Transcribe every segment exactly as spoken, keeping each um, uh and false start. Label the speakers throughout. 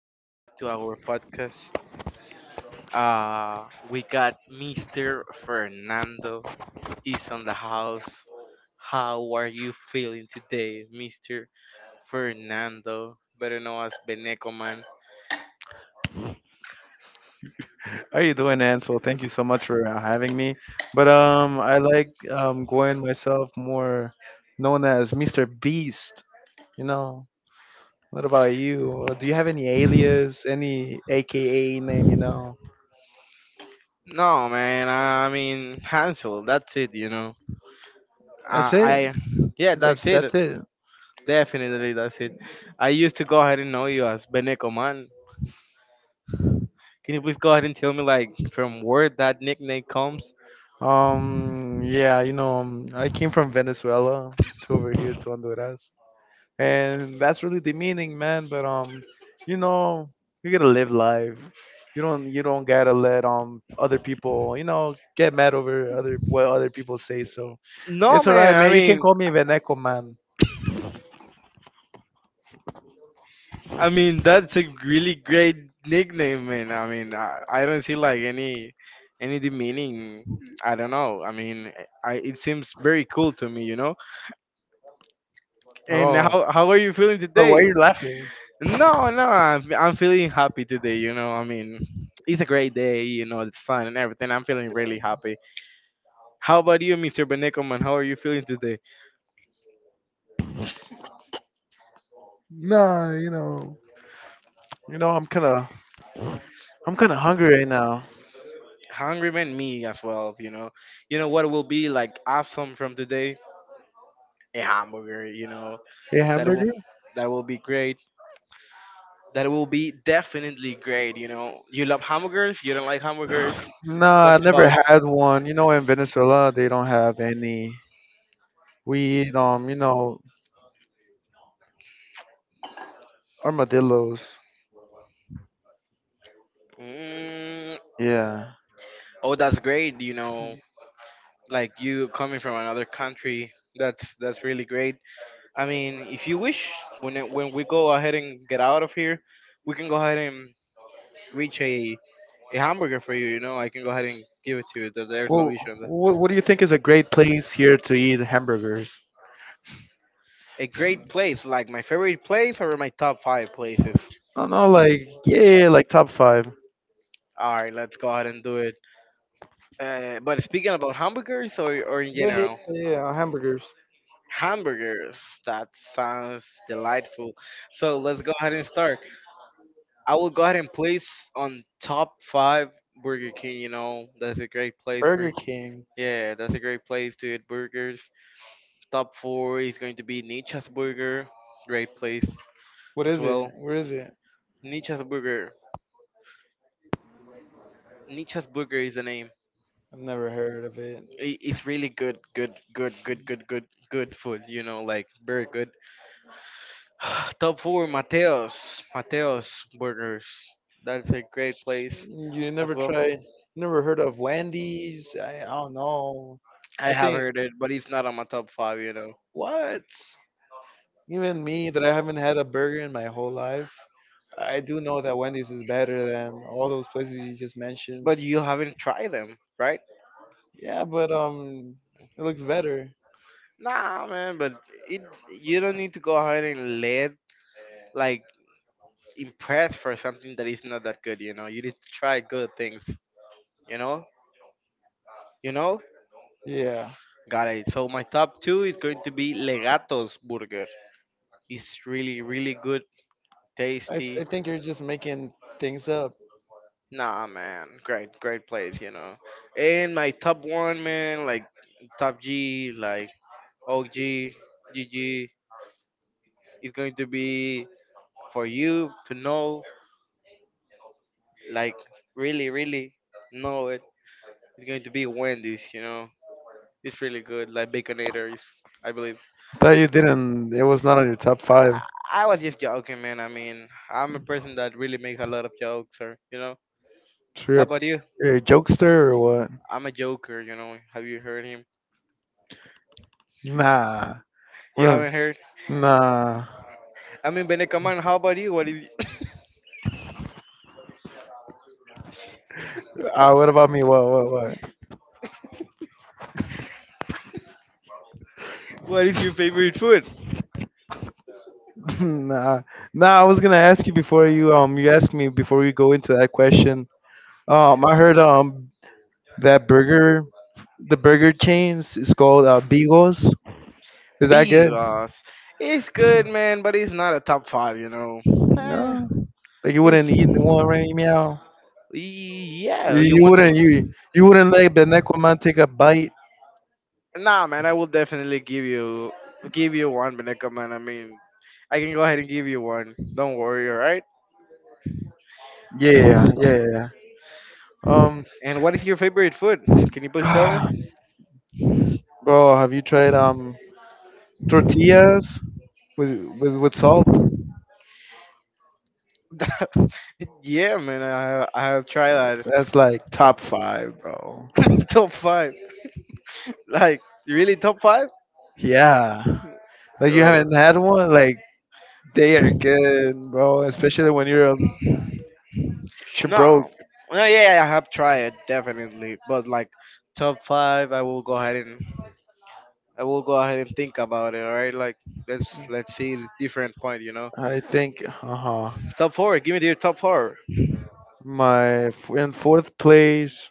Speaker 1: Welcome back to our podcast. Uh, we got Mister Fernando is on the house. How are you feeling today, Mister Fernando? Better known as Beneco Man.
Speaker 2: How you doing, Ansel? Thank you so much for uh, having me. But um, I like um going myself more known as mister Beast. You know. What about you? Do you have any alias, any A K A name? You know.
Speaker 1: No, man. I mean Hansel. That's it. You know.
Speaker 2: That's
Speaker 1: Uh,
Speaker 2: it.
Speaker 1: I. Yeah,
Speaker 2: Like
Speaker 1: that's it.
Speaker 2: that's it.
Speaker 1: Definitely, that's it. I used to go ahead and know you as Beneco Man. Can you please go ahead and tell me like from where that nickname comes?
Speaker 2: Um. Yeah. You know. Um, I came from Venezuela to over here to Honduras. And that's really demeaning, man. But um, you know, you gotta live life. You don't you don't gotta let um other people you know get mad over other what other people say. So
Speaker 1: No,
Speaker 2: it's alright,
Speaker 1: man. I
Speaker 2: man. You can
Speaker 1: mean,
Speaker 2: call me Veneco, man.
Speaker 1: I mean that's a really great nickname, man. I mean, I, I don't see like any any demeaning. I don't know. I mean, I it seems very cool to me, you know. And
Speaker 2: Oh,
Speaker 1: how how are you feeling
Speaker 2: but why are
Speaker 1: today?
Speaker 2: you laughing?
Speaker 1: No, no, I'm I'm feeling happy today. You know, I mean, it's a great day. You know, the sun and everything. I'm feeling really happy. How about you, Mister Benekoman? How are you feeling today?
Speaker 2: Nah, you know. You know, I'm kind of I'm kind of hungry right now.
Speaker 1: Hungry, man, me as well, you know. You know what will be like awesome from today? A hamburger, you know.
Speaker 2: A
Speaker 1: That will
Speaker 2: hamburger?
Speaker 1: that will be great. That will be definitely great. You know, you love hamburgers, you don't like hamburgers?
Speaker 2: Nah, I
Speaker 1: What's
Speaker 2: never
Speaker 1: about?
Speaker 2: had one. You know, in Venezuela they don't have any. We eat um, you know, armadillos.
Speaker 1: Mm,
Speaker 2: Yeah.
Speaker 1: oh, that's great. You know, like you coming from another country, that's that's really great. I mean, if you wish, when it, when we go ahead and get out of here, we can go ahead and reach a a hamburger for you. You know, I can go ahead and give it to you. There- There's no
Speaker 2: Well,
Speaker 1: issue on that.
Speaker 2: what, what do you think is a great place here to eat hamburgers?
Speaker 1: A great place, like my favorite place or my top five places.
Speaker 2: I don't know, like, yeah, like top five.
Speaker 1: All right, let's go ahead and do it. Uh, but speaking about hamburgers or, or in
Speaker 2: Yeah, yeah,
Speaker 1: general,
Speaker 2: yeah. Hamburgers.
Speaker 1: hamburgers, that sounds delightful. So let's go ahead and start. I will go ahead and place on top five Burger King. You know, that's a great place
Speaker 2: Burger
Speaker 1: for.
Speaker 2: King.
Speaker 1: Yeah, that's a great place to eat burgers. Top four is going to be Nietzsche's Burger, great place
Speaker 2: What
Speaker 1: as
Speaker 2: is it?
Speaker 1: well.
Speaker 2: Where is it?
Speaker 1: Nietzsche's Burger, Nietzsche's Burger is the name.
Speaker 2: I've never heard of it.
Speaker 1: I- It's really good, good, good, good, good, good, good food. You know, like very good. Top four, Mateos, Mateos Burgers. That's a great place
Speaker 2: You
Speaker 1: as
Speaker 2: never
Speaker 1: well.
Speaker 2: tried? Never heard of Wendy's? I, I don't know.
Speaker 1: I
Speaker 2: I
Speaker 1: have
Speaker 2: think
Speaker 1: heard it, but it's not on my top five. You know.
Speaker 2: what? Even me, that I haven't had a burger in my whole life, I do know that Wendy's is better than all those places you just mentioned.
Speaker 1: But you haven't tried them, right?
Speaker 2: Yeah, but um, it looks better.
Speaker 1: Nah, man. But it you don't need to go ahead and let like impress for something that is not that good. You know, you need to try good things. You know, you know.
Speaker 2: Yeah,
Speaker 1: Got it. So my top two is going to be Legato's burger. It's really, really good,
Speaker 2: I
Speaker 1: tasty.
Speaker 2: I think you're just making things up.
Speaker 1: Nah, man, great, great place, you know. And my top one, man, like top G, like O G, G G, is going to be for you to know, like really, really know it. It's going to be Wendy's, you know. It's really good, like Baconator is, I believe.
Speaker 2: Thought you didn't. It was not on your top five.
Speaker 1: I, I was just joking, man. I mean, I'm a person that really makes a lot of jokes, or you know.
Speaker 2: So you're
Speaker 1: How
Speaker 2: a,
Speaker 1: about you?
Speaker 2: you're a jokester or what?
Speaker 1: I'm a joker, you know. Have you heard him?
Speaker 2: Nah.
Speaker 1: You
Speaker 2: What? a-
Speaker 1: haven't heard?
Speaker 2: Nah.
Speaker 1: I mean, Benekaman, how about you? What is?
Speaker 2: Uh, what about me? What? What? What?
Speaker 1: What is your favorite food?
Speaker 2: nah. Nah. I was gonna ask you before you um you asked me before you go into that question. Um, I heard um that burger, the burger chains is called uh, Beagles. Is that good?
Speaker 1: Bigos. It's good, man, but it's not a top five, you know. Eh,
Speaker 2: No, like you
Speaker 1: it's
Speaker 2: wouldn't eat one right meow.
Speaker 1: Yeah.
Speaker 2: You
Speaker 1: You
Speaker 2: you
Speaker 1: want to?
Speaker 2: wouldn't you you wouldn't let the necroman take a bite.
Speaker 1: Nah, man. I will definitely give you give you one, Beneka, man. I mean, I can go ahead and give you one. Don't worry, all right?
Speaker 2: Yeah, yeah, yeah. Um,
Speaker 1: And what is your favorite food? Can you please tell me?
Speaker 2: bro, have you tried um tortillas with with with salt?
Speaker 1: Yeah, man. I I have tried that.
Speaker 2: That's like top five, bro.
Speaker 1: Top five, like really top five.
Speaker 2: Yeah, like you
Speaker 1: Oh.
Speaker 2: haven't had one. Like they are good, bro. Especially when you're a ch- broke.
Speaker 1: No. No, yeah, yeah, I have tried definitely, but like top five, I will go ahead and I will go ahead and think about it. All right, like let's let's see the different point. You know,
Speaker 2: I think uh-huh,
Speaker 1: top four. Give me your top four.
Speaker 2: my f- in fourth place,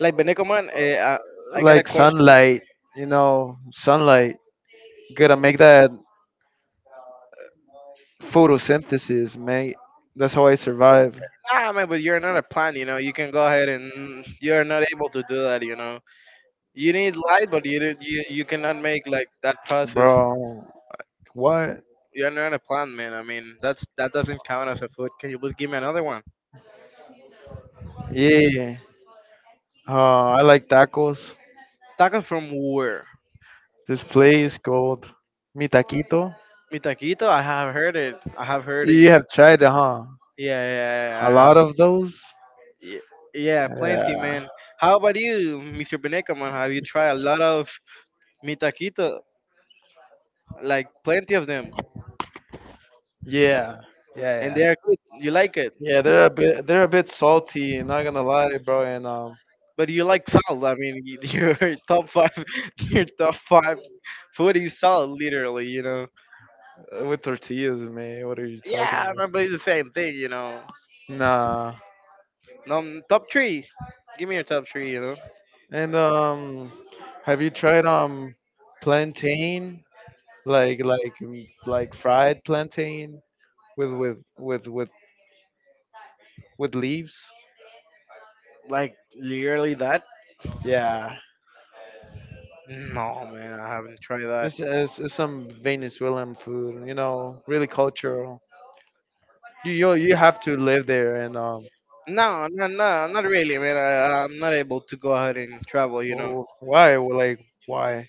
Speaker 1: Like Beneco man, eh, I, I got a
Speaker 2: like
Speaker 1: question.
Speaker 2: sunlight, you know, sunlight. Gotta make that photosynthesis, mate. That's how I survive,
Speaker 1: Nah, man, but you're not a plant. You know, you can go ahead and you're not able to do that. You know, you need light, but you don't- you you cannot make like that process.
Speaker 2: bro. What?
Speaker 1: You're not a plant, man. I mean, that's that doesn't count as a food. Can you please give me another one?
Speaker 2: Yeah. Uh, I like tacos.
Speaker 1: Tacos from where?
Speaker 2: This place called Mi Taquito.
Speaker 1: Mitaquito, I have heard it. I have heard it.
Speaker 2: You
Speaker 1: Yeah,
Speaker 2: have tried it, huh?
Speaker 1: yeah, yeah,
Speaker 2: A
Speaker 1: I
Speaker 2: lot
Speaker 1: have.
Speaker 2: of those.
Speaker 1: Yeah, yeah, plenty,
Speaker 2: Yeah.
Speaker 1: man. How about you, Mister Beneca, man? Have you tried a lot of mitaquito? Like plenty of them,
Speaker 2: Yeah. Yeah.
Speaker 1: and they
Speaker 2: Yeah.
Speaker 1: are good. You like it,
Speaker 2: Yeah, they're a bit they're a bit salty, not gonna lie, bro. And um,
Speaker 1: but you like salt. I mean, y- your top five, your top five food is salt, literally. You know.
Speaker 2: Uh, with tortillas, man. What are you talking
Speaker 1: Yeah,
Speaker 2: about?
Speaker 1: man, but it's the same thing, you know.
Speaker 2: Nah.
Speaker 1: No, top three. Give me your top three. You know,
Speaker 2: And um, have you tried um plantain? Like like mm, like fried plantain with with with with with leaves?
Speaker 1: like literally that.
Speaker 2: Yeah,
Speaker 1: No, man, I haven't tried that.
Speaker 2: it's, it's, it's some Venezuelan food. You know, really cultural. You you you have to live there and um.
Speaker 1: No, no, no, not really, man. I, I'm not able to go ahead and travel, you know.
Speaker 2: wh- wh- Why? Well, like why?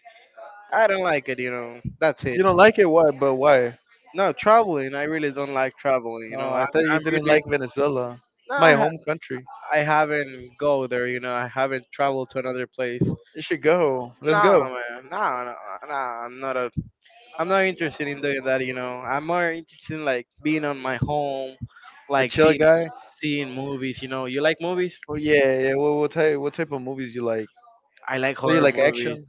Speaker 1: I don't like it, you know. That's it.
Speaker 2: You don't
Speaker 1: It?
Speaker 2: like it? Why? But why?
Speaker 1: No, traveling. I really don't like traveling, you
Speaker 2: Oh,
Speaker 1: know. I,
Speaker 2: I thought you
Speaker 1: I'm
Speaker 2: didn't
Speaker 1: really
Speaker 2: like Venezuela,
Speaker 1: no.
Speaker 2: my
Speaker 1: I, ha-
Speaker 2: home country.
Speaker 1: I haven't go there, you know. I haven't traveled to another place.
Speaker 2: You should go. Let's go.
Speaker 1: No, man. No, no, no. I'm not a. I'm not interested in doing that, you know. I'm more interested in like being on my home,
Speaker 2: A
Speaker 1: like
Speaker 2: chill
Speaker 1: seeing
Speaker 2: guy?
Speaker 1: seeing movies. You know, you like movies?
Speaker 2: Oh yeah, yeah. What, what type what type of movies you like?
Speaker 1: I like
Speaker 2: Do you
Speaker 1: horror
Speaker 2: like
Speaker 1: movies.
Speaker 2: action,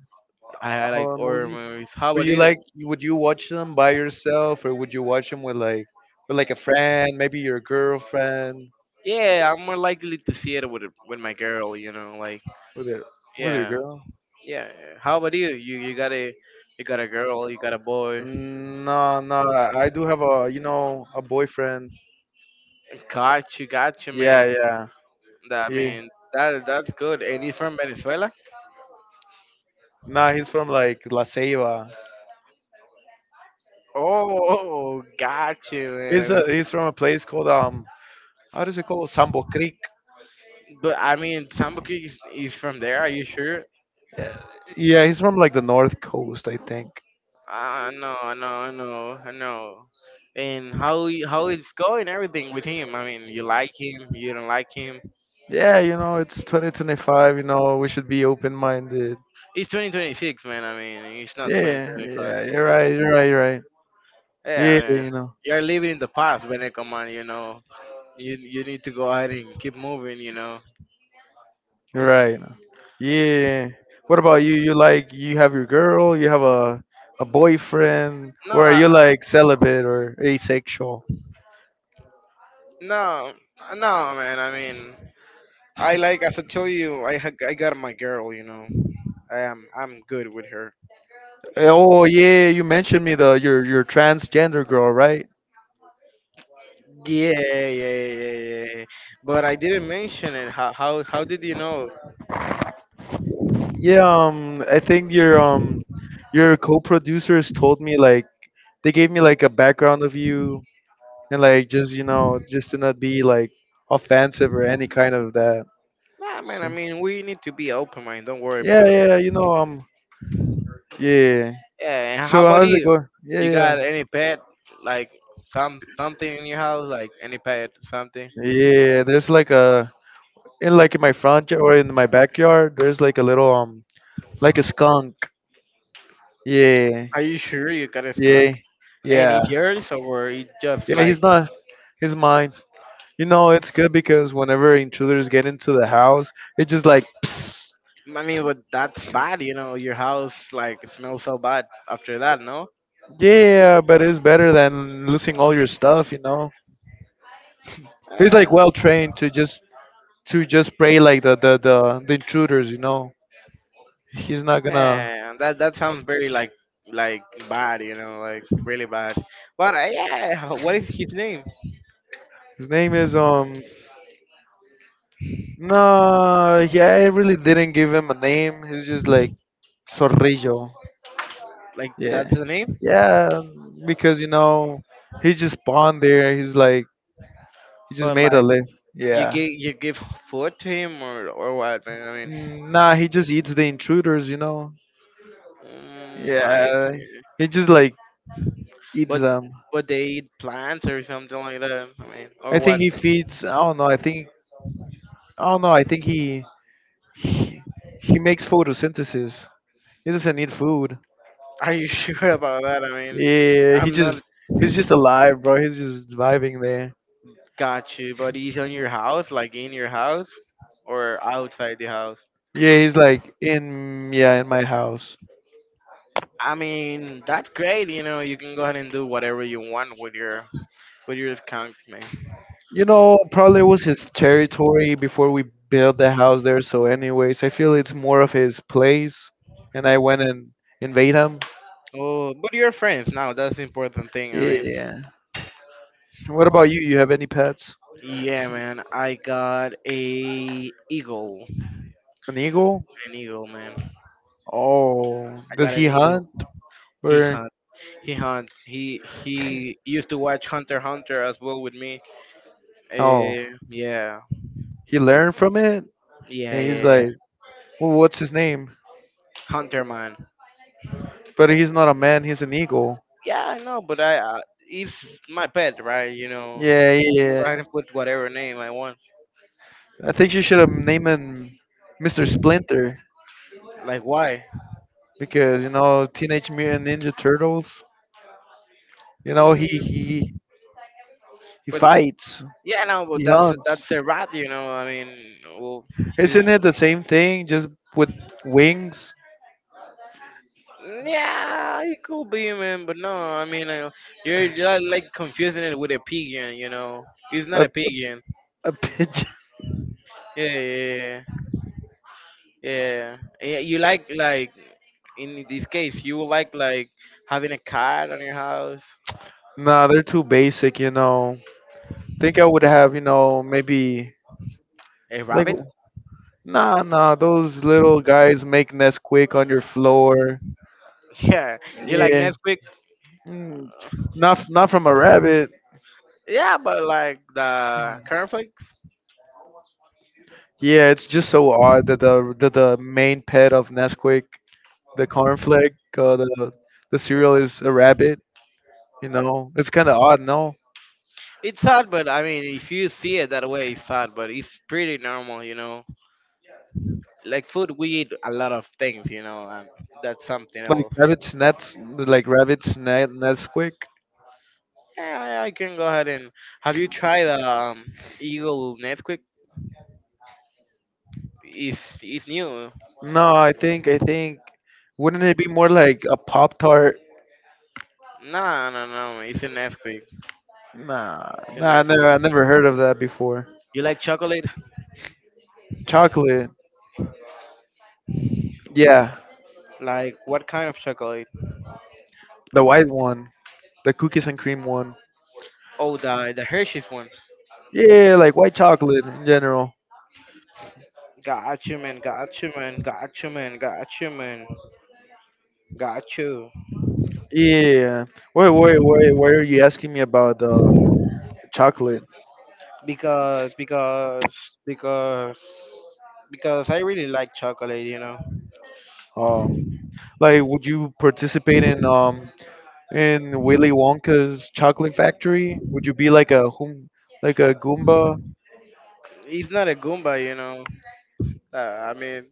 Speaker 1: I, I like
Speaker 2: horror
Speaker 1: horror
Speaker 2: movies?
Speaker 1: movies. How
Speaker 2: But
Speaker 1: about
Speaker 2: you
Speaker 1: you?
Speaker 2: like would you watch them by yourself, or would you watch them with like with like a friend, maybe your girlfriend,
Speaker 1: Yeah, I'm more likely to see it with with my girl. You know, like
Speaker 2: with your with your
Speaker 1: yeah,
Speaker 2: girl?
Speaker 1: yeah, yeah. How about you? You you got a you got a girl, you got a boy.
Speaker 2: Mm, no, no. I I do have a you know a boyfriend.
Speaker 1: Got you, got you,
Speaker 2: Yeah,
Speaker 1: man.
Speaker 2: yeah.
Speaker 1: That I
Speaker 2: He
Speaker 1: mean that that's good. And he's from Venezuela.
Speaker 2: Nah, he's from like La Ceiba.
Speaker 1: Oh, got you, man.
Speaker 2: He's
Speaker 1: I
Speaker 2: a,
Speaker 1: mean,
Speaker 2: he's from a place called um how does it called Sambo Creek.
Speaker 1: but I mean, Sambo Creek is, is from there. Are you sure?
Speaker 2: Yeah, he's from like the North Coast, I think.
Speaker 1: Ah, no, no, no, no. And how he- how it's going? Everything with him. I mean, you like him, you don't like him.
Speaker 2: Yeah, you know, it's twenty twenty-five, you know, we should be open-minded.
Speaker 1: He's twenty twenty-six, man. I mean, he's not
Speaker 2: Yeah,
Speaker 1: twenty twenty-five.
Speaker 2: yeah, you're right, you're right, you're right.
Speaker 1: Yeah,
Speaker 2: Yeah,
Speaker 1: man.
Speaker 2: you know,
Speaker 1: You're living in the past, Beneco, man. You know, you you need to go ahead and keep moving. You know.
Speaker 2: you're right. Yeah. What about you? You like you have your girl, you have a a boyfriend,
Speaker 1: No,
Speaker 2: or are you
Speaker 1: I,
Speaker 2: like celibate or asexual?
Speaker 1: no, no, man. I mean, I like as I told you, I ha- I got my girl. You know, I am I'm good with her.
Speaker 2: Oh yeah, you mentioned me the your your transgender girl, right?
Speaker 1: Yeah, yeah, yeah, yeah. But I didn't mention it. How how how did you know?
Speaker 2: Yeah, um I think your um your co-producers told me, like, they gave me, like, a background of you, and, like, just you know just to not be like offensive or any kind of that.
Speaker 1: Nah, man. I
Speaker 2: So
Speaker 1: mean, we need to be open, mind. Don't worry
Speaker 2: yeah,
Speaker 1: because
Speaker 2: yeah, yeah, you know um yeah.
Speaker 1: Yeah, and how
Speaker 2: So
Speaker 1: about
Speaker 2: how's it
Speaker 1: you?
Speaker 2: going? Yeah,
Speaker 1: You
Speaker 2: yeah.
Speaker 1: got any pet, like some something in your house, like any pet, something?
Speaker 2: Yeah, there's like a in like in my front yard, or in my backyard, there's like a little um like a skunk. Yeah.
Speaker 1: Are you sure you got a
Speaker 2: Yeah,
Speaker 1: skunk? And
Speaker 2: yeah.
Speaker 1: it's yours, or it just
Speaker 2: Yeah,
Speaker 1: like?
Speaker 2: he's not he's mine. You know, it's good because whenever intruders get into the house, it just like
Speaker 1: I mean, but that's bad, you know. Your house like smells so bad after that, no?
Speaker 2: Yeah, but it's better than losing all your stuff, you know. He's
Speaker 1: Eh,
Speaker 2: like well trained to just to just pray like the the the, the intruders, you know. He's not gonna.
Speaker 1: eh, that that sounds very like like bad, you know, like really bad. But uh, yeah, what is his name?
Speaker 2: His name is um. No, yeah, I really didn't give him a name. He's just like Zorrillo.
Speaker 1: Like that's
Speaker 2: Yeah,
Speaker 1: the name,
Speaker 2: yeah, because you know he just spawned there. He's like he just
Speaker 1: but
Speaker 2: made a
Speaker 1: like.
Speaker 2: live.
Speaker 1: You
Speaker 2: Yeah.
Speaker 1: give you give food to him or or what, man? I mean,
Speaker 2: Mm, nah, he just eats the intruders, you know.
Speaker 1: mm, I
Speaker 2: Yeah,
Speaker 1: see.
Speaker 2: he just like eats
Speaker 1: What
Speaker 2: them.
Speaker 1: what they eat plants or something like that? I mean, or
Speaker 2: I think
Speaker 1: what?
Speaker 2: he feeds. I don't know. I think I don't know. I think he he, he makes photosynthesis. He doesn't need food.
Speaker 1: Are you sure about that? I mean,
Speaker 2: Yeah, he
Speaker 1: I'm
Speaker 2: just
Speaker 1: not
Speaker 2: he's just alive, bro. He's just vibing there.
Speaker 1: got you, but he's on your house, like in your house or outside the house.
Speaker 2: Yeah, he's like in, yeah, in my house.
Speaker 1: I mean, that's great. You know, you can go ahead and do whatever you want with your with your skunk, man.
Speaker 2: You know, probably was his territory before we built the house there. So, anyways, I feel it's more of his place, and I went and invade him.
Speaker 1: Oh, but you're friends now. That's the important thing. I mean.
Speaker 2: Yeah. What about you? You have any pets?
Speaker 1: Yeah, man. I got a eagle.
Speaker 2: An eagle?
Speaker 1: An eagle, man.
Speaker 2: Oh,
Speaker 1: I
Speaker 2: does
Speaker 1: got
Speaker 2: he
Speaker 1: an eagle.
Speaker 2: hunt?
Speaker 1: He
Speaker 2: Where
Speaker 1: hunt. He hunt. He he used to watch Hunter x Hunter as well with me.
Speaker 2: oh,
Speaker 1: Uh, yeah,
Speaker 2: he learned from it,
Speaker 1: yeah,
Speaker 2: and he's like,
Speaker 1: yeah.
Speaker 2: well, what's his name?
Speaker 1: Hunter man.
Speaker 2: But he's not a man; he's an eagle.
Speaker 1: Yeah, I know, but I uh, it's my pet, right? You know,
Speaker 2: Yeah, yeah,
Speaker 1: I can go ahead
Speaker 2: yeah.
Speaker 1: and put whatever name I want.
Speaker 2: I think you should have named him mister Splinter
Speaker 1: Like why?
Speaker 2: because you know Teenage Mutant Ninja Turtles. You know he
Speaker 1: Mm,
Speaker 2: he he
Speaker 1: but
Speaker 2: fights,
Speaker 1: yeah, no, but
Speaker 2: he
Speaker 1: that's
Speaker 2: hunts.
Speaker 1: that's a rat, you know. I mean, well, it's
Speaker 2: Isn't it the same thing, just with wings?
Speaker 1: Yeah, it could be, man, but no, I mean, uh, you're, you're like like, confusing it with a pigeon, you know. It's not
Speaker 2: A
Speaker 1: a pigeon.
Speaker 2: a pigeon?
Speaker 1: Yeah, yeah, yeah, yeah. Yeah, yeah, You like like in this case, you would like like having a cat on your house,
Speaker 2: Nah, they're too basic. You know. Think I would have you know maybe
Speaker 1: a
Speaker 2: like.
Speaker 1: rabbit.
Speaker 2: Nah, nah, those little guys make nests quick on your floor.
Speaker 1: Yeah, you like
Speaker 2: Yeah,
Speaker 1: Nesquik.
Speaker 2: mm, not f- not from a rabbit.
Speaker 1: Yeah, but like the
Speaker 2: Mm.
Speaker 1: cornflakes.
Speaker 2: Yeah, it's just so odd that the that the main pet of Nesquik, the cornflake, uh, the the cereal is a rabbit. You know, it's kind of odd, no?
Speaker 1: It's sad, but I mean, if you see it that way, it's sad, but it's pretty normal, you know. Like food, we eat a lot of things, you know, and that's something
Speaker 2: Like
Speaker 1: else.
Speaker 2: rabbits nets, like rabbits net Nesquik.
Speaker 1: Yeah, I, I can go ahead and. Have you tried um Eagle Nesquik? It's it's new.
Speaker 2: No, I think I think wouldn't it be more like a Pop Tart?
Speaker 1: No, no, no. It's a Nesquik.
Speaker 2: Nah,
Speaker 1: It's a
Speaker 2: nah, I never
Speaker 1: Nesquik.
Speaker 2: I never heard of that before.
Speaker 1: You like chocolate?
Speaker 2: Chocolate, yeah,
Speaker 1: Like what kind of chocolate?
Speaker 2: the white one, the cookies and cream one.
Speaker 1: Oh, the the Hershey's one.
Speaker 2: Yeah, like white chocolate in general.
Speaker 1: Got you, man. Got you, man. Got you, man. Got you, man. Got you.
Speaker 2: Yeah. Wait, wait, wait. Why are you asking me about uh, chocolate?
Speaker 1: Because because because because I really like chocolate. You know,
Speaker 2: Oh, like, would you participate in um in Willy Wonka's chocolate factory? Would you be like a hum, like a Goomba?
Speaker 1: it's not a Goomba. You know, uh, I mean.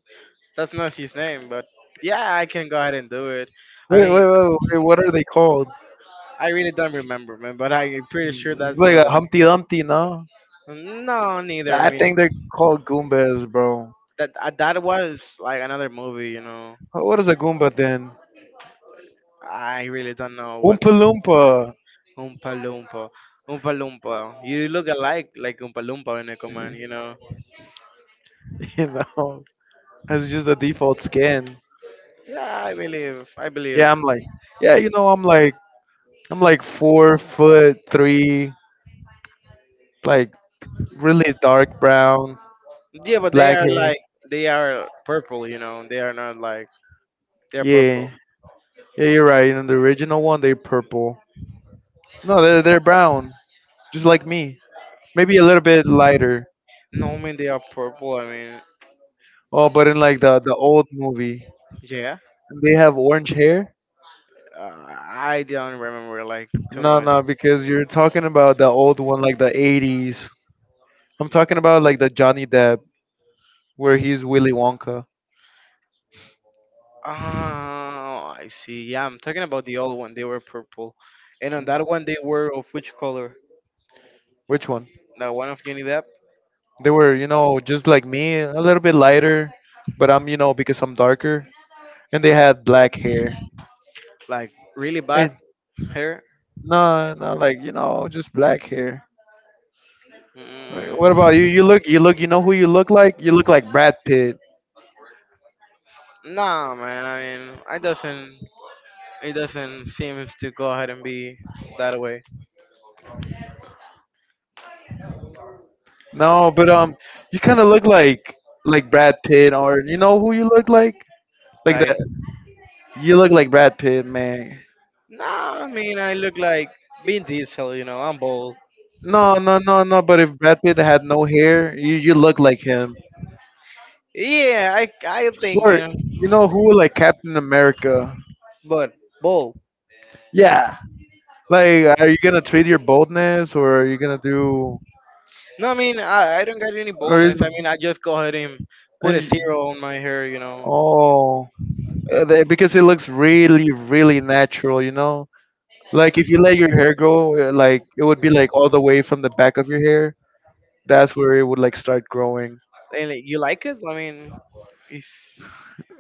Speaker 1: That's not his name, but yeah, I can go ahead and do it. I
Speaker 2: Wait,
Speaker 1: mean,
Speaker 2: wait, wait, wait. What are they called?
Speaker 1: I really don't remember, man, but I'm pretty sure that's
Speaker 2: Like
Speaker 1: not
Speaker 2: a
Speaker 1: the
Speaker 2: Humpty Dumpty, no?
Speaker 1: name. No, neither.
Speaker 2: I
Speaker 1: I
Speaker 2: think
Speaker 1: mean,
Speaker 2: they're called Goombas, bro.
Speaker 1: that uh, that was like another movie, you know.
Speaker 2: What is a Goomba then?
Speaker 1: I really don't know what
Speaker 2: Oompa Loompa.
Speaker 1: Oompa Loompa. Oompa Loompa. You look alike like Oompa Loompa in a command, you know.
Speaker 2: you know, that's just the default skin.
Speaker 1: Yeah, I believe. I believe.
Speaker 2: Yeah, I'm like, yeah, you know, I'm like, I'm like four foot three, like really dark brown,
Speaker 1: Yeah, but they
Speaker 2: black
Speaker 1: are
Speaker 2: hair.
Speaker 1: like they are purple, you know. They are not like they are
Speaker 2: Yeah,
Speaker 1: purple.
Speaker 2: yeah, you're right. You know, the original one, they're purple. No, they're they're brown, just like me. Maybe a little bit lighter.
Speaker 1: No, I mean they are purple. I mean,
Speaker 2: Oh, but in like the the old movie,
Speaker 1: yeah,
Speaker 2: they have orange hair?
Speaker 1: Uh, I don't remember like too
Speaker 2: No,
Speaker 1: much.
Speaker 2: no, because you're talking about the old one, like the eighties. I'm talking about like the Johnny Depp, where he's Willy Wonka.
Speaker 1: Oh, I see. Yeah, I'm talking about the old one. They were purple, and on that one they were of which color?
Speaker 2: Which one?
Speaker 1: The one of Johnny Depp,
Speaker 2: They were, you know, just like me, a little bit lighter, but I'm, you know, because I'm darker. And they had black hair.
Speaker 1: like really bad
Speaker 2: And
Speaker 1: hair.
Speaker 2: no, no, like, you know, just black hair. Wh-
Speaker 1: Mm.
Speaker 2: What about you? You look, you look, you know who you look like? You look like Brad Pitt.
Speaker 1: Nah, man. I mean, I doesn't. It doesn't seem to go ahead and be that way.
Speaker 2: No, but um, you kind of look like like Brad Pitt, or you know who you look like? Like
Speaker 1: Like,
Speaker 2: that. You look like Brad Pitt, man.
Speaker 1: nah. I mean, I look like Vin Diesel. You know, I'm bald.
Speaker 2: No, no, no, no. But if Brad Pitt had no hair, you you look like him.
Speaker 1: Yeah, I I think you
Speaker 2: Or
Speaker 1: know,
Speaker 2: you know who like Captain America?
Speaker 1: but bald.
Speaker 2: Yeah. Like, are you gonna trade your boldness, or are you gonna do,
Speaker 1: No, I mean I, I don't got any
Speaker 2: or is
Speaker 1: boldness. I mean I just go ahead and put a
Speaker 2: and you,
Speaker 1: zero on my hair, you know.
Speaker 2: oh, uh, they- because it looks really, really natural, you know. Like if you let your hair grow, uh, like it would be like all the way from the back of your hair. That's where it would like start growing.
Speaker 1: And like, you like it? I mean, it's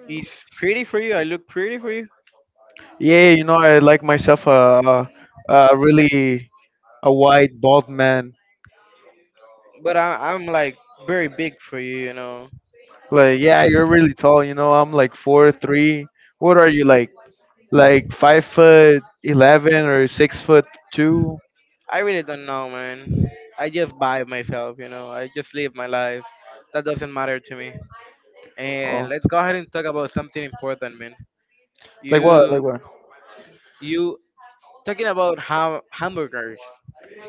Speaker 1: it's pretty for you. I look pretty for you,
Speaker 2: Yeah, you know, I like myself a, a, a really a white bald man.
Speaker 1: but I, I'm like very big for you, you know.
Speaker 2: Like, yeah, you're really tall. You know, I'm like four three. What are you like? Like five foot eleven or six foot two?
Speaker 1: I really don't know, man. I just buy myself, you know. I just live my life. That doesn't matter to me. And
Speaker 2: Oh,
Speaker 1: let's go ahead and talk about something important, man.
Speaker 2: like what? Like
Speaker 1: You
Speaker 2: what?
Speaker 1: you talking about ham- hamburgers.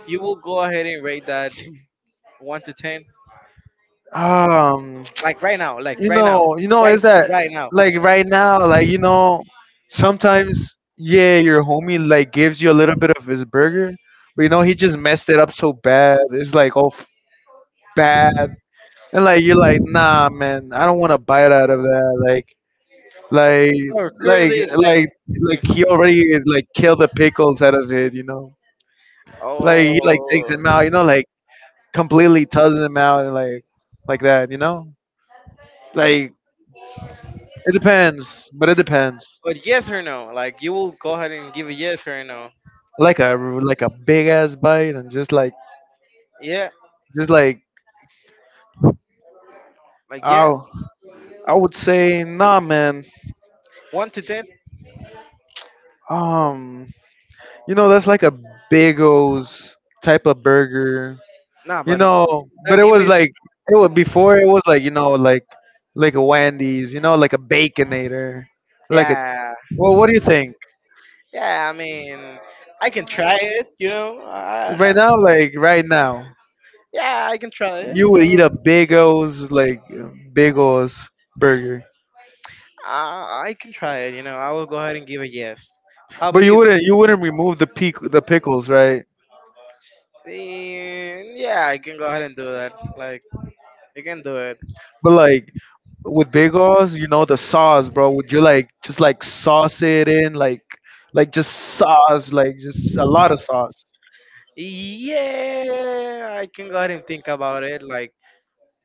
Speaker 1: You will go ahead and rate that one to ten.
Speaker 2: Um,
Speaker 1: Like right now, like
Speaker 2: you
Speaker 1: right now,
Speaker 2: know, you know,
Speaker 1: right
Speaker 2: is that
Speaker 1: right now.
Speaker 2: like right now? Like you know, sometimes yeah, your homie like gives you a little bit of his burger, but you know he just messed it up so bad. It's like all f- bad, and like you're like, nah, man, I don't want to bite out of that. Like. Like,
Speaker 1: So
Speaker 2: like,
Speaker 1: currently,
Speaker 2: like, like
Speaker 1: like
Speaker 2: he already like killed the pickles out of it, you know. Like he like takes
Speaker 1: oh,
Speaker 2: him out, you know, like completely tosses him out and like like that, you know. Like it depends, but it depends.
Speaker 1: but yes or no? Like you will go ahead and give a yes or a no?
Speaker 2: Like a like a big ass bite and just like
Speaker 1: Yeah,
Speaker 2: just like
Speaker 1: like yeah,
Speaker 2: oh, I would say nah, man.
Speaker 1: one to ten?
Speaker 2: Um, you know that's like a big type of burger.
Speaker 1: Nah,
Speaker 2: You
Speaker 1: but
Speaker 2: know, but
Speaker 1: don't
Speaker 2: it
Speaker 1: give
Speaker 2: was
Speaker 1: me.
Speaker 2: like it was before it was like, you know, like like a Wendy's, you know, like a baconator. Like a
Speaker 1: Yeah,
Speaker 2: well, what do you think?
Speaker 1: yeah. I mean, I can try it. You know, I,
Speaker 2: Right now, like right now,
Speaker 1: yeah, I can try it.
Speaker 2: you
Speaker 1: You
Speaker 2: would
Speaker 1: know,
Speaker 2: eat a big O's like big O's burger.
Speaker 1: I, I can try it. You know, I will go ahead and give a yes. How
Speaker 2: But
Speaker 1: about
Speaker 2: you
Speaker 1: you?
Speaker 2: wouldn't you wouldn't remove the peak the pickles, right?
Speaker 1: Eh, yeah, I can go ahead and do that. Like. You can do it.
Speaker 2: But like with big O's, you know the sauce, bro. Would you like just like sauce it in like like just sauce, like just a lot of sauce.
Speaker 1: Yeah, I can go ahead and think about it. Like,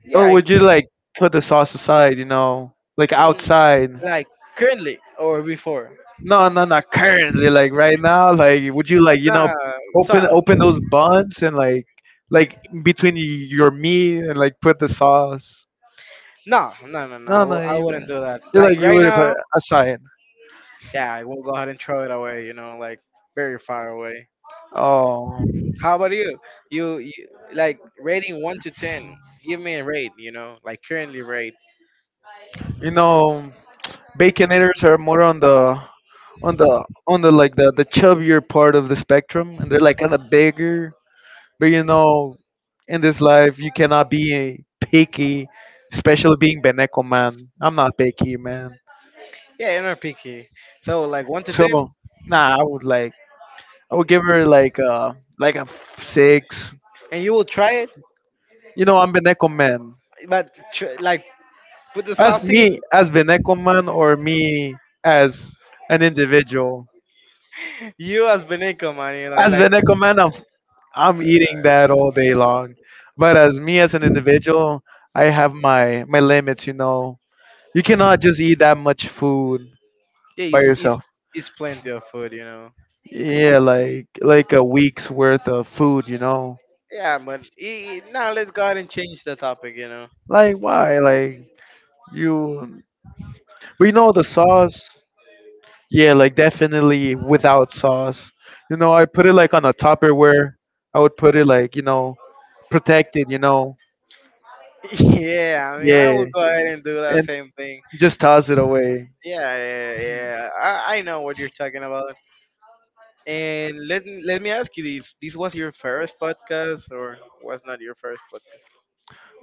Speaker 1: yeah,
Speaker 2: Or
Speaker 1: I,
Speaker 2: would you like put the sauce aside, you know, like
Speaker 1: mm,
Speaker 2: outside?
Speaker 1: like currently or before.
Speaker 2: No, no, not currently. Like right now, like would you like you know
Speaker 1: Nah, so
Speaker 2: open open those buns and like like between y- your meat and like put the sauce?
Speaker 1: no, no, no, no. I,
Speaker 2: No, no,
Speaker 1: will, I
Speaker 2: you
Speaker 1: wouldn't do that.
Speaker 2: you like
Speaker 1: Like
Speaker 2: you
Speaker 1: right
Speaker 2: would put it
Speaker 1: now,
Speaker 2: aside.
Speaker 1: yeah, I will go ahead and throw it away. You know, like very far away.
Speaker 2: Oh,
Speaker 1: How about you? You, you like rating one to ten? Give me a rate. You know, like currently rate.
Speaker 2: you know, baconators are more on the on the on the like the the chubbier part of the spectrum, and they're like kind of bigger. But you know, in this life, you cannot be picky, especially being Beneco, man. I'm not picky, man.
Speaker 1: Yeah, you're not picky. So like one to ten,
Speaker 2: So, nah, I would like, I would give her like a, like a f- six.
Speaker 1: and you will try it,
Speaker 2: You know, I'm Beneco, man.
Speaker 1: but tr- like put the
Speaker 2: As
Speaker 1: sauce
Speaker 2: me,
Speaker 1: in.
Speaker 2: as Beneco, man, or me as an individual.
Speaker 1: You as Beneco, man, you like
Speaker 2: As
Speaker 1: like yeah,
Speaker 2: Beneco, man, I'm, I'm eating that all day long. But as me as an individual, I have my, my limits, you know. You cannot just eat that much food by
Speaker 1: it's it's
Speaker 2: yourself.
Speaker 1: it's plenty of food, you know.
Speaker 2: Yeah, like like a week's worth of food, you know.
Speaker 1: Yeah, but I now let's go ahead and change the topic, you know.
Speaker 2: Like why? Like you but you know the sauce? Yeah, like definitely without sauce. You know, I put it like on a Tupperware. I would put it like, you know, protected, you know.
Speaker 1: Yeah, I mean, I
Speaker 2: Yeah.
Speaker 1: will go ahead and do that
Speaker 2: And
Speaker 1: same thing.
Speaker 2: just toss it away.
Speaker 1: Yeah, yeah, yeah. I, I know what you're talking about. And let me- let me ask you this: this was your first podcast, or was not your first podcast?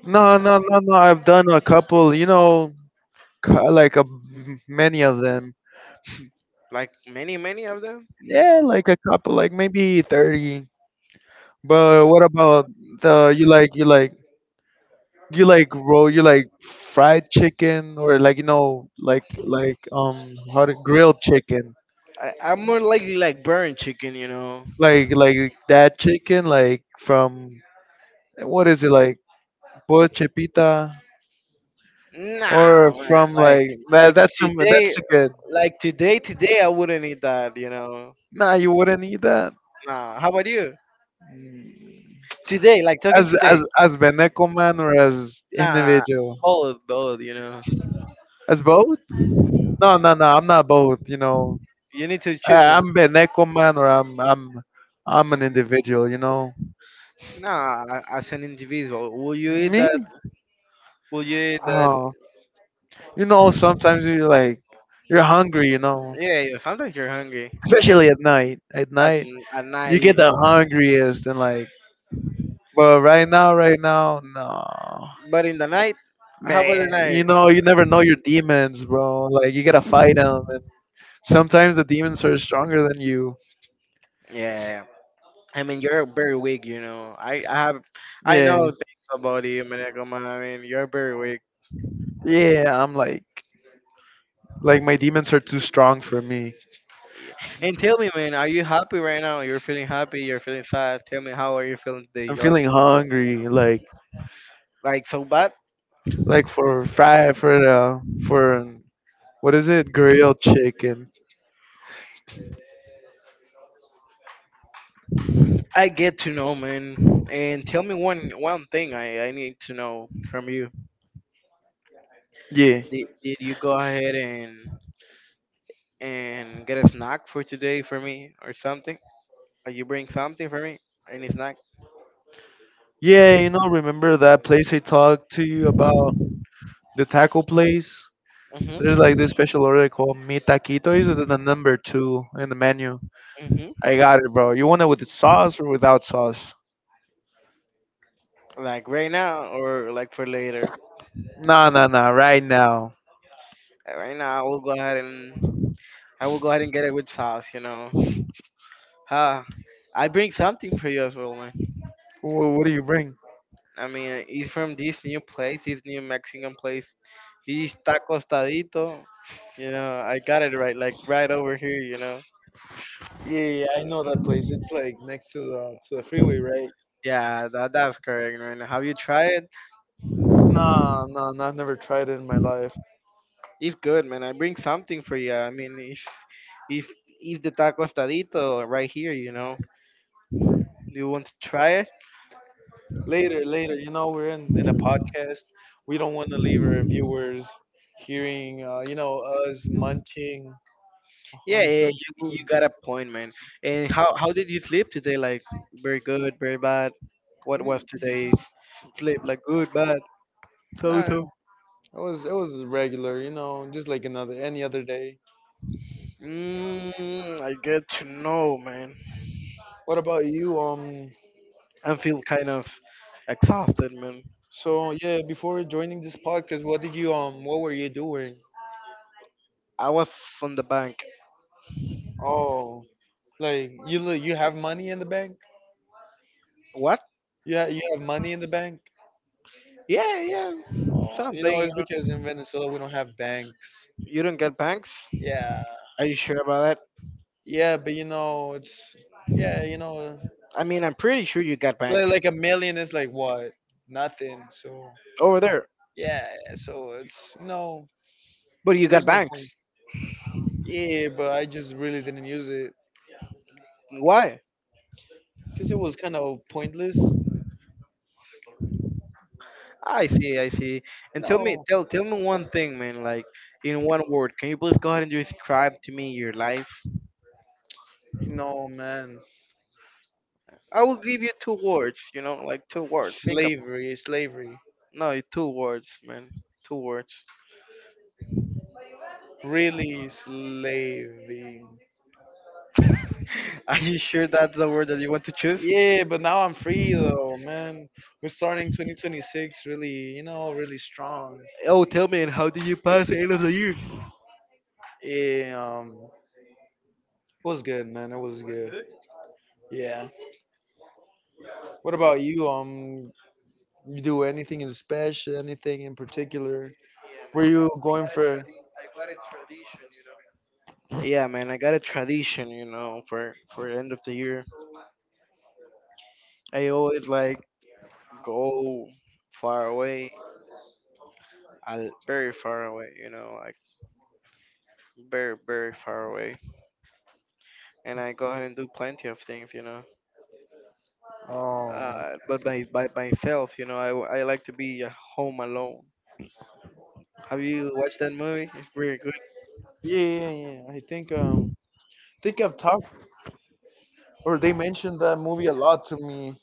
Speaker 2: No, no, no, no. I've done a couple, you know, cu- like a many of them.
Speaker 1: Like many, many of them.
Speaker 2: Yeah, like a couple, like maybe thirty. But what about the you like you like you like roll you like fried chicken or like you know like like um how to grilled chicken
Speaker 1: I, I'm more likely like burn chicken, you know.
Speaker 2: like like that chicken like from what is it like bochepita or
Speaker 1: Nah, man,
Speaker 2: from
Speaker 1: like
Speaker 2: like that,
Speaker 1: like
Speaker 2: that's some that's
Speaker 1: today,
Speaker 2: good
Speaker 1: like today, today I wouldn't eat that. You know.
Speaker 2: nah you wouldn't eat that.
Speaker 1: Nah. How about you?
Speaker 2: Mm.
Speaker 1: Today, like talking
Speaker 2: As
Speaker 1: today.
Speaker 2: as as Beneco man or as
Speaker 1: Nah.
Speaker 2: individual
Speaker 1: All both, you know.
Speaker 2: as both. No no no I'm not both you know.
Speaker 1: You need to
Speaker 2: I,
Speaker 1: choose
Speaker 2: I'm
Speaker 1: one.
Speaker 2: Beneco man or i'm i'm I'm an individual you know
Speaker 1: Nah, as an individual, will you eat
Speaker 2: me.
Speaker 1: that? Will you eat that?
Speaker 2: Oh, you know, sometimes you like you're hungry, you know,
Speaker 1: Yeah, yeah. Sometimes you're hungry.
Speaker 2: especially
Speaker 1: The-
Speaker 2: at night. At
Speaker 1: At,
Speaker 2: night,
Speaker 1: at
Speaker 2: you get
Speaker 1: night.
Speaker 2: the hungriest, and like, but right now, right now, no,
Speaker 1: But in the night, how about the
Speaker 2: man, you
Speaker 1: night?
Speaker 2: know, you never know your demons, bro. Like, you gotta fight them, and sometimes the demons are stronger than you.
Speaker 1: Yeah. I mean, you're very weak, you know. I, I have, I know
Speaker 2: Yeah,
Speaker 1: things about you, Maneko, man. I mean, you're very weak.
Speaker 2: yeah, I'm like, like my demons are too strong for me.
Speaker 1: Yeah. And tell me, man, are you happy right now? You're feeling happy? You're feeling sad? Tell me, how are you feeling today?
Speaker 2: I'm
Speaker 1: You're like,
Speaker 2: feeling hungry, like,
Speaker 1: like so bad?
Speaker 2: like for fry for uh for what is it, grilled chicken.
Speaker 1: I get to know, man. And tell me one, one thing I, I need to know from you.
Speaker 2: Yeah.
Speaker 1: Did, did you go ahead and and get a snack for today for me or something? Like you bring something for me? Any snack?
Speaker 2: Yeah, you know, remember that place I talked to you about? The taco place? There's like
Speaker 1: Mm-hmm.
Speaker 2: this special order called Mi Taquito. It's the the number two in the menu.
Speaker 1: Mm-hmm.
Speaker 2: I got it, bro. You want it with the sauce or without sauce?
Speaker 1: Like right now or like for later?
Speaker 2: Nah, nah, nah. Right now.
Speaker 1: Uh, Right now, I will go ahead and I will go ahead and get it with sauce. You know, huh? I bring something for you as well, man.
Speaker 2: What, what do you bring?
Speaker 1: I mean, uh, it's from this new place, this new Mexican place, this tacos tadito. You know, I got it right, like right over here. You know.
Speaker 2: Yeah, yeah, I know that place. It's like next to the to the freeway, right?
Speaker 1: Yeah, that that's correct, man. Have you tried it?
Speaker 2: Nah, nah, nah. I've never tried it in my life.
Speaker 1: It's good, man. I bring something for you. I mean, it's it's it's the tacos tadito right here. You know. Do you want to try?
Speaker 2: Later, later. You know, we're in, in a podcast. We don't want to leave our viewers hearing, uh, you know, us munching
Speaker 1: Yeah, yeah,
Speaker 2: on
Speaker 1: yeah,
Speaker 2: some
Speaker 1: you,
Speaker 2: food.
Speaker 1: you got a point, man. And how how did you sleep today? Like very good, very bad. What
Speaker 2: Mm.
Speaker 1: was today's sleep? Like good, bad, so
Speaker 2: Nah, it
Speaker 1: so.
Speaker 2: was it was regular, you know, just like another any other day.
Speaker 1: Mm, I get to know, man.
Speaker 2: What about you? Um,
Speaker 1: I feel kind of exhausted, man.
Speaker 2: so yeah, before joining this podcast, what did you um, what were you doing?
Speaker 1: I was on the bank.
Speaker 2: Oh, like you li- you have money in the bank?
Speaker 1: What?
Speaker 2: You ha- you have money in the bank?
Speaker 1: Yeah, yeah,
Speaker 2: Oh, you know,
Speaker 1: something. You
Speaker 2: it's
Speaker 1: know.
Speaker 2: because in Venezuela we don't have banks.
Speaker 1: You don't get banks?
Speaker 2: Yeah.
Speaker 1: Are you sure about that?
Speaker 2: Yeah, but you know, it's yeah, you know,
Speaker 1: I mean, I'm pretty sure you got
Speaker 2: li-
Speaker 1: banks
Speaker 2: like a million is like what? Nothing. So
Speaker 1: over there,
Speaker 2: yeah, so it's you know,
Speaker 1: but you
Speaker 2: there's
Speaker 1: got
Speaker 2: no point.
Speaker 1: banks.
Speaker 2: Yeah, but I just really didn't use it
Speaker 1: Why?
Speaker 2: because it was kind of pointless.
Speaker 1: I see, I see. And tell me,
Speaker 2: No,
Speaker 1: tell tell me one thing, man. Like in one word, can you please go ahead and describe to me your life?
Speaker 2: no, man,
Speaker 1: I will give you two words. You know, like two words. Think about
Speaker 2: slavery, slavery,
Speaker 1: no, two words, man. Two words.
Speaker 2: really slaving.
Speaker 1: Are you sure that's the word that you want to choose?
Speaker 2: Yeah, but now I'm free though, man. We're starting twenty twenty-six really, you know, really strong.
Speaker 1: Oh, tell me, and how did you pass the end of the year?
Speaker 2: Yeah, um, it was good, man. It was good. Yeah. What about you? Um, you do anything in special? Anything in particular? Were you going for?
Speaker 1: Yeah, man, I got a tradition, you know, for for the end of the year. I always like go far away, I very far away, you know, like very very far away, and I go ahead and do plenty of things, you know.
Speaker 2: Oh,
Speaker 1: Uh, but by by myself, you know, I, I like to be at home alone. Have you watched that movie? It's really good.
Speaker 2: yeah, yeah, yeah. I think um, think I've talked or they mentioned that movie a lot to me.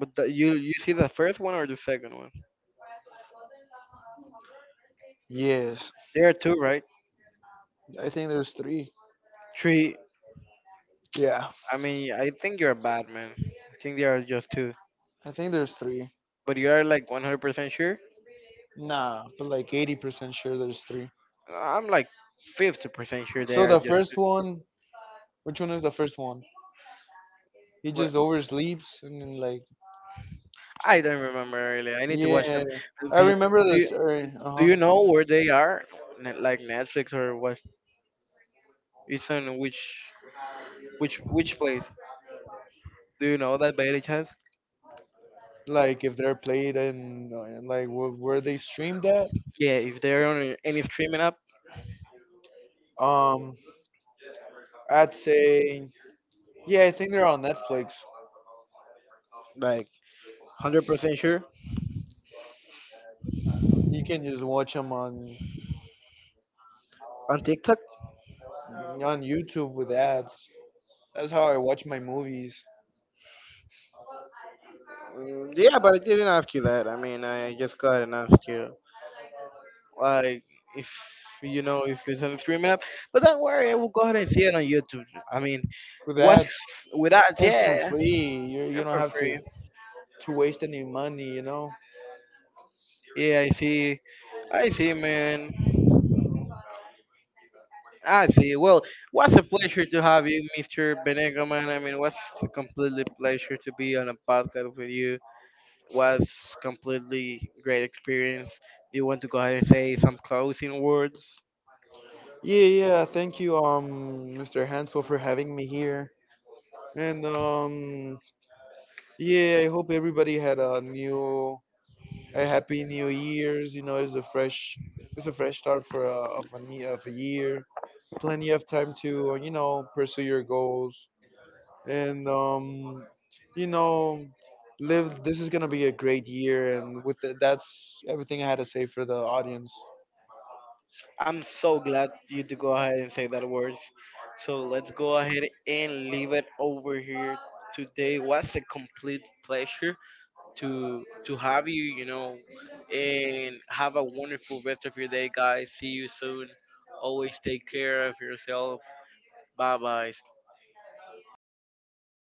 Speaker 1: But the, you you see the first one or the second one?
Speaker 2: Yes,
Speaker 1: There are two, right?
Speaker 2: I think there's three.
Speaker 1: Three.
Speaker 2: Yeah,
Speaker 1: I mean, I think you're bad, man. I think there are just two.
Speaker 2: I think there's three.
Speaker 1: But you are like one hundred percent sure?
Speaker 2: Nah, but like eighty percent sure there's three.
Speaker 1: I'm like fifty percent sure they
Speaker 2: So
Speaker 1: are
Speaker 2: the
Speaker 1: just two.
Speaker 2: first one, which one is the first one? He just
Speaker 1: But
Speaker 2: oversleeps and then like
Speaker 1: I don't remember really. I need to watch
Speaker 2: yeah.
Speaker 1: them. Do,
Speaker 2: I remember
Speaker 1: do you,
Speaker 2: this. Uh
Speaker 1: do
Speaker 2: huh.
Speaker 1: you know where they are? Ne- Like Netflix or what? It's on which which which place? Do you know that by any chance?
Speaker 2: Like if they're played and like wh- where they streamed at.
Speaker 1: Yeah, if they're on any streaming app,
Speaker 2: Um, I'd say yeah. I think they're on Netflix.
Speaker 1: like hundred percent sure
Speaker 2: You can just watch them on
Speaker 1: on TikTok.
Speaker 2: on YouTube with ads. That's how I watch my movies
Speaker 1: Mm, yeah, but I didn't ask you that. I mean, I just got and asked you like if you know if it's on streaming app. But don't worry, I will go ahead and see it on YouTube. I mean,
Speaker 2: with ads
Speaker 1: what's without?
Speaker 2: and
Speaker 1: Yeah,
Speaker 2: for free. You you
Speaker 1: and
Speaker 2: don't
Speaker 1: for
Speaker 2: have to
Speaker 1: free.
Speaker 2: to waste any money, you know.
Speaker 1: Yeah, I see. I see, man. I see. Well, what's a pleasure to have you, mister Benego, man. I mean, what's a completely pleasure to be on a podcast with you. Was completely great experience. Do you want to go ahead and say some closing words?
Speaker 2: Yeah, yeah. Thank you, um, mister Hansel, for having me here. And um, yeah, I hope everybody had a new, a happy New Year's. You know, it's a fresh, it's a fresh start for a, of a new, of a year. Plenty of time to uh, you know pursue your goals and um, you know live. This is gonna be a great year, and with that, that's everything I had to say for the audience.
Speaker 1: I'm so glad you to go ahead and say that words. So let's go ahead and leave it over here today. Was a complete pleasure to to have you, you know, and have a wonderful rest of your day, guys. See you soon. Always take care of yourself. Bye bye.